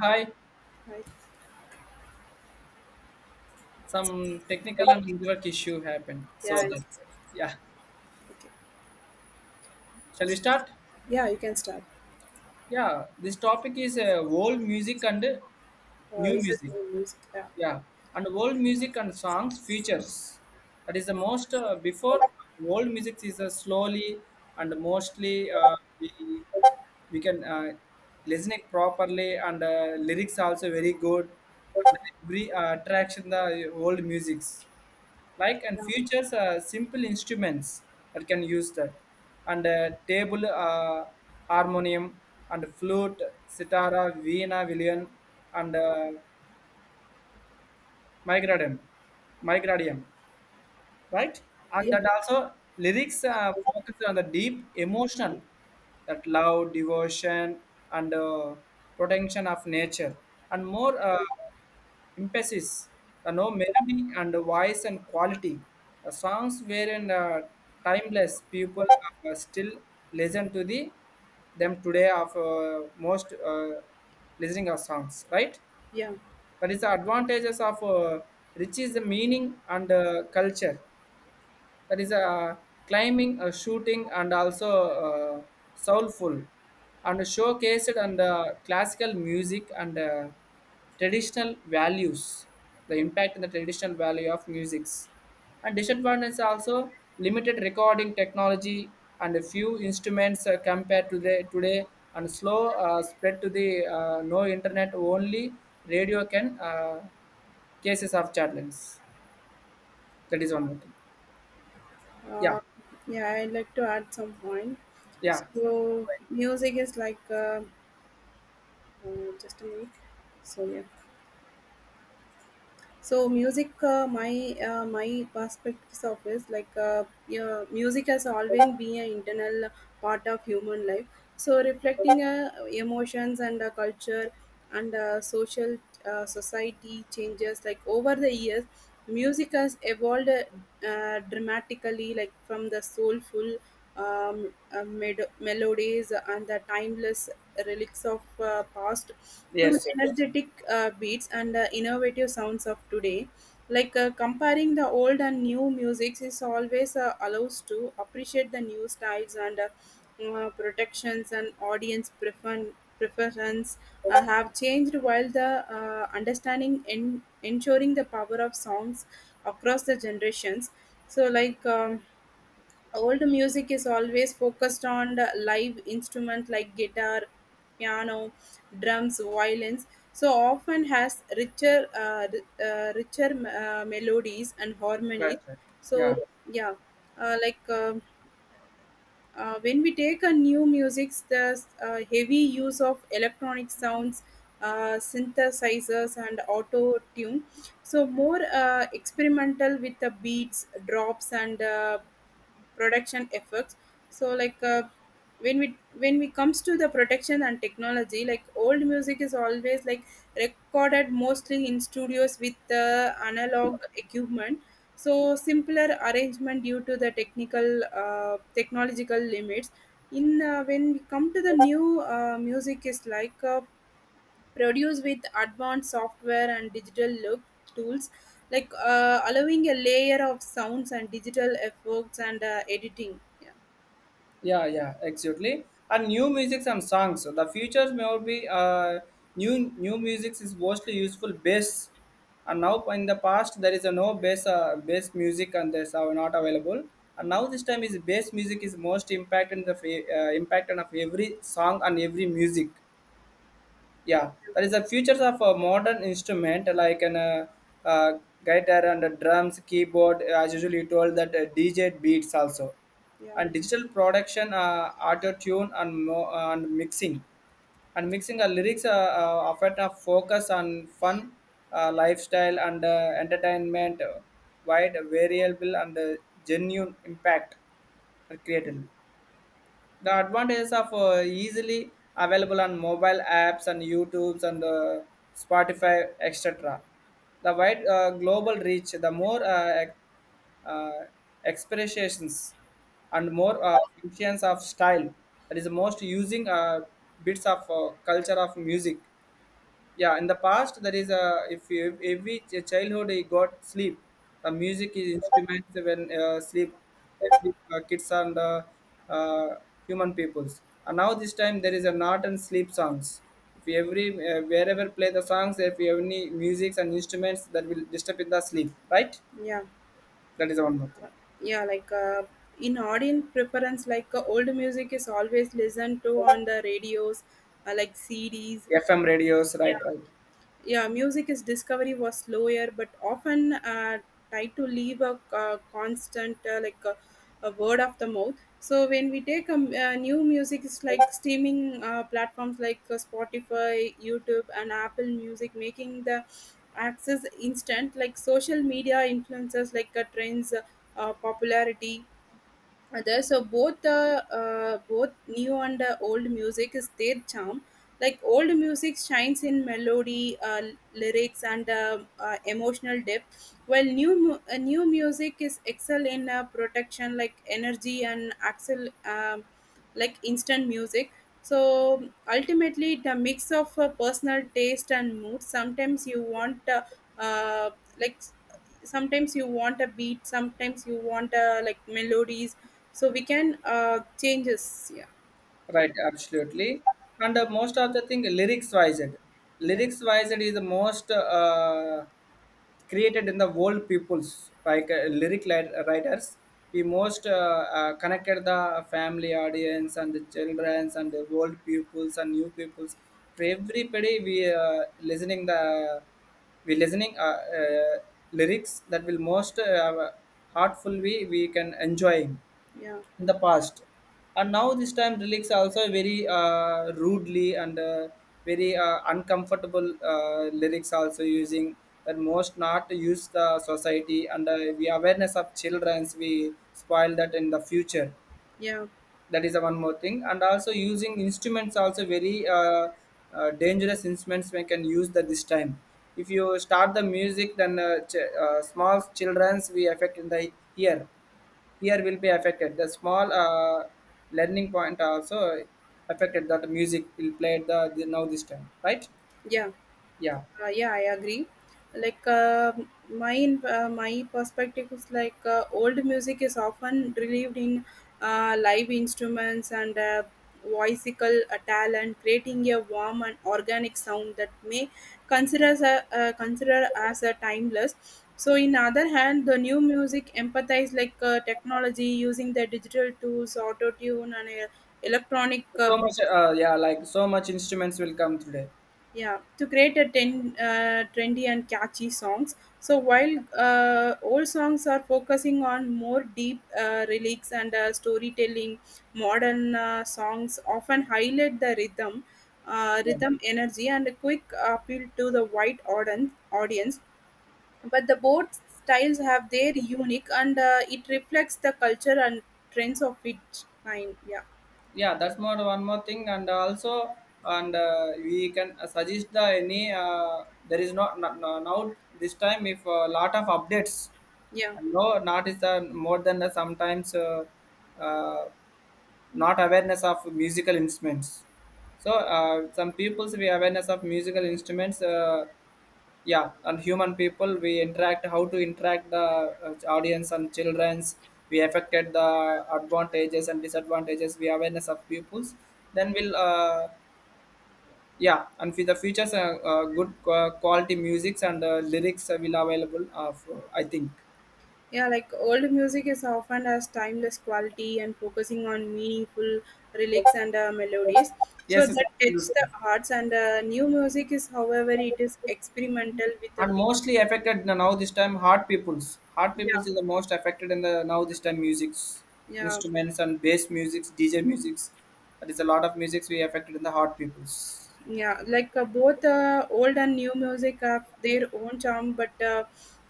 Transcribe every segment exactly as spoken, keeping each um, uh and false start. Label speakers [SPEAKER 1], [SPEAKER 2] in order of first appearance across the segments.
[SPEAKER 1] Hi,
[SPEAKER 2] Right.
[SPEAKER 1] some technical and network issue happened. So
[SPEAKER 2] Yeah.
[SPEAKER 1] the, yeah,
[SPEAKER 2] Okay.
[SPEAKER 1] shall we start?
[SPEAKER 2] Yeah, you can start.
[SPEAKER 1] Yeah, this topic is uh, old music and uh,
[SPEAKER 2] Uh,
[SPEAKER 1] new
[SPEAKER 2] this is
[SPEAKER 1] music.
[SPEAKER 2] my music. Yeah.
[SPEAKER 1] Yeah, and old music and songs features. That is the most uh, before old music is uh, slowly and mostly uh, we we can uh, listen it properly and uh, lyrics also very good. And every uh, attraction the old musics. Like and
[SPEAKER 2] Yeah.
[SPEAKER 1] features uh, simple instruments that can use that and uh, table uh, harmonium and flute sitar veena villain and uh, migradium migradium, right? And
[SPEAKER 2] Yeah.
[SPEAKER 1] that also lyrics uh, focus on the deep emotional, that love, devotion, and uh, protection of nature, and more uh, emphasis, the no melody and voice and quality. The songs were in uh, timeless. People uh, still listen to the them today of uh, most uh, listening of songs, right?
[SPEAKER 2] Yeah.
[SPEAKER 1] That is the advantages of uh, rich is the meaning and uh, culture that is uh, climbing, uh, shooting, and also uh, soulful, and showcased and uh, classical music and uh, traditional values, the impact and the traditional value of musics, and disadvantage is also limited recording technology and a few instruments uh, compared to the today and slow uh, spread to the uh, no internet only radio can uh, cases of challenge. That is one more thing. Yeah.
[SPEAKER 2] Uh, yeah. I'd like to add some point.
[SPEAKER 1] Yeah.
[SPEAKER 2] So
[SPEAKER 1] Right.
[SPEAKER 2] music is like uh, uh, just a minute. So yeah. So music uh, my uh, my perspectives of is like uh, yeah, music has always been an internal part of human life, so reflecting uh, emotions and uh, culture and uh, social uh, society changes, like over the years music has evolved uh, dramatically, like from the soulful um, uh, med- melodies and the timeless relics of uh, past to
[SPEAKER 1] Yes, yes.
[SPEAKER 2] energetic uh, beats and the innovative sounds of today. Like uh, comparing the old and new music is always uh, allows to appreciate the new styles and uh, uh, protections, and audience prefer- preference uh, have changed, while the uh, understanding in ensuring the power of songs across the generations. So like um, old music is always focused on the live instrument, like guitar, piano, drums, violins, so often has richer uh, ri- uh, richer uh, melodies and
[SPEAKER 1] Right,
[SPEAKER 2] harmonies.
[SPEAKER 1] right.
[SPEAKER 2] So
[SPEAKER 1] Yeah,
[SPEAKER 2] yeah. uh, like um uh, when we take a new music, there's a heavy use of electronic sounds, uh, synthesizers, and auto tune. So more uh, experimental with the beats, drops, and uh, production efforts. So like uh, when we when we comes to the production and technology, like old music is always like recorded mostly in studios with uh, analog equipment, so simpler arrangement due to the technical uh, technological limits. In uh, when we come to the new uh, music is like uh, produced with advanced software and digital look tools, like uh, allowing a layer of sounds and digital effects and uh, editing. Yeah.
[SPEAKER 1] yeah, yeah, exactly. And new musics and songs. So the future may all be uh, new new musics is mostly useful bass. And now in the past there is a no bass uh, bass music and this are not available. And now this time is bass music is most impact in the fa- uh, impact on of every song and every music. Yeah, that is the features of a modern instrument like an uh, uh, guitar and a drums keyboard as usually told that uh, dj beats also
[SPEAKER 2] Yeah.
[SPEAKER 1] and digital production uh, auto tune and, mo- and mixing and mixing our lyrics uh, uh, often a focus on fun uh, lifestyle and uh, entertainment, uh, wide variable and uh, genuine impact are created. The advantages of uh, easily available on mobile apps and youtubes and uh, spotify etc. The wide uh, global reach, the more uh, ex- uh, expressions and more uh, functions of style, that is the most using uh, bits of uh, culture of music. Yeah, in the past there is a, if you, every ch- childhood he got sleep, the music is instruments when uh, sleep every uh, kids and uh, uh, human peoples. And now this time there is a not and sleep songs. If you every uh, wherever play the songs, if you have any musics and instruments that will disturb in the sleep, right?
[SPEAKER 2] Yeah.
[SPEAKER 1] That is one more thing.
[SPEAKER 2] Yeah. Like uh, in audience preference, like uh, old music is always listened to on the radios, uh, like cds.
[SPEAKER 1] FM radios, right, right.
[SPEAKER 2] Yeah, music is discovery was slower, but often uh, tried to leave a, uh constant uh, like a, a word of the mouth. So when we take a, m- a new music, it's like streaming uh, platforms like uh, spotify, youtube and apple music, making the access instant. Like social media influences, like uh, trends, uh, popularity, other. So both the uh, both new and the old music is their charm. Like old music shines in melody, uh, lyrics and uh, uh, emotional depth, while new mu- uh, new music is excel in uh, protection, like energy and excel, um, like instant music. So ultimately the mix of uh, personal taste and mood. Sometimes you want uh, uh, like sometimes you want a beat, sometimes you want a like melodies, so we can uh changes. Yeah.
[SPEAKER 1] Right, absolutely. And uh, most of the thing lyrics wise,
[SPEAKER 2] Yeah.
[SPEAKER 1] lyrics wise is the most uh, created in the world peoples like uh, lyric li- writers. We most uh, uh, connected the family audience and the childrens and the world peoples and new peoples. For everybody, we uh, listening the we listening uh, uh, lyrics that will most uh, heartful we we can enjoying
[SPEAKER 2] Yeah.
[SPEAKER 1] in the past. And now this time relics are also very uh, rudely and uh, very uh, uncomfortable uh, lyrics also using, that most not use the society and uh, we awareness of childrens we spoil that in the future.
[SPEAKER 2] Yeah.
[SPEAKER 1] That is the one more thing. And also using instruments also very uh, uh, dangerous instruments we can use that this time. If you start the music, then uh, ch- uh, small children's we affect in the ear, ear will be affected, the small uh, learning point also affected that music will play the, the now this time, right?
[SPEAKER 2] Yeah.
[SPEAKER 1] Yeah.
[SPEAKER 2] Uh, yeah, I agree. Like uh, my uh, my perspective is like uh, old music is often relieved in uh, live instruments and uh, voicical uh, talent, creating a warm and organic sound that may consider as a uh, consider as a timeless. So, in other hand, the new music empathize, like uh, technology using the digital tools, auto tune, and uh, electronic
[SPEAKER 1] So
[SPEAKER 2] uh,
[SPEAKER 1] much uh, yeah, like so much instruments will come today.
[SPEAKER 2] yeah, to create a ten, uh, trendy and catchy songs. So while uh, old songs are focusing on more deep uh, lyrics and uh, storytelling, modern uh, songs often highlight the rhythm, uh,
[SPEAKER 1] Yeah.
[SPEAKER 2] rhythm energy, and a quick appeal to the wide auden- audience. But the both styles have their unique, and uh, it reflects the culture and trends of each time. Yeah,
[SPEAKER 1] Yeah, that's more one more thing. And also and uh, we can uh, suggest the any uh, there is not, not no- now this time if a lot of updates
[SPEAKER 2] yeah.
[SPEAKER 1] and no not is uh, more than the sometimes uh, uh, not awareness of musical instruments. So uh, some people's we awareness of musical instruments, uh, yeah. And human people we interact, how to interact the uh, audience and children's, we affected the advantages and disadvantages we awareness of pupils, then we'll uh, yeah. And for the features uh, uh, good qua- quality musics and uh, lyrics uh, will available uh, for, I think.
[SPEAKER 2] Yeah, like old music is often has timeless quality and focusing on meaningful lyrics and uh, melodies, so
[SPEAKER 1] Yes, yes,
[SPEAKER 2] that touch the
[SPEAKER 1] absolutely.
[SPEAKER 2] hearts. And uh, new music is however it is experimental with a
[SPEAKER 1] And
[SPEAKER 2] big,
[SPEAKER 1] mostly affected now this time hard peoples, hard
[SPEAKER 2] yeah.
[SPEAKER 1] peoples is the most affected in the now this time musics
[SPEAKER 2] Yeah.
[SPEAKER 1] instruments and bass musics dj musics. That is a lot of musics we affected in the hard peoples,
[SPEAKER 2] Yeah. Like uh, both uh, old and new music have their own charm, but uh,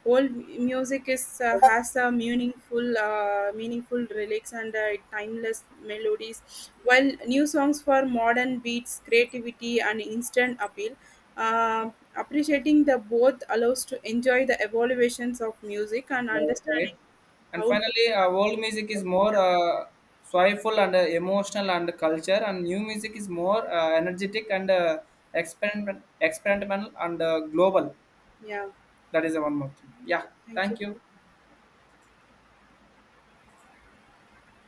[SPEAKER 2] old m- music is uh, has a meaningful uh, meaningful lyrics and uh, timeless melodies, while new songs for modern beats, creativity and instant appeal. uh, Appreciating the both allows to enjoy the evaluations of music and
[SPEAKER 1] right,
[SPEAKER 2] understanding
[SPEAKER 1] right? And
[SPEAKER 2] how to.
[SPEAKER 1] finally uh, world music is more uh, soulful and uh, emotional and culture, and new music is more uh, energetic and uh, experiment experimental and uh, global.
[SPEAKER 2] Yeah,
[SPEAKER 1] That is the one more thing. Yeah,
[SPEAKER 2] yeah, thank you.
[SPEAKER 1] thank you.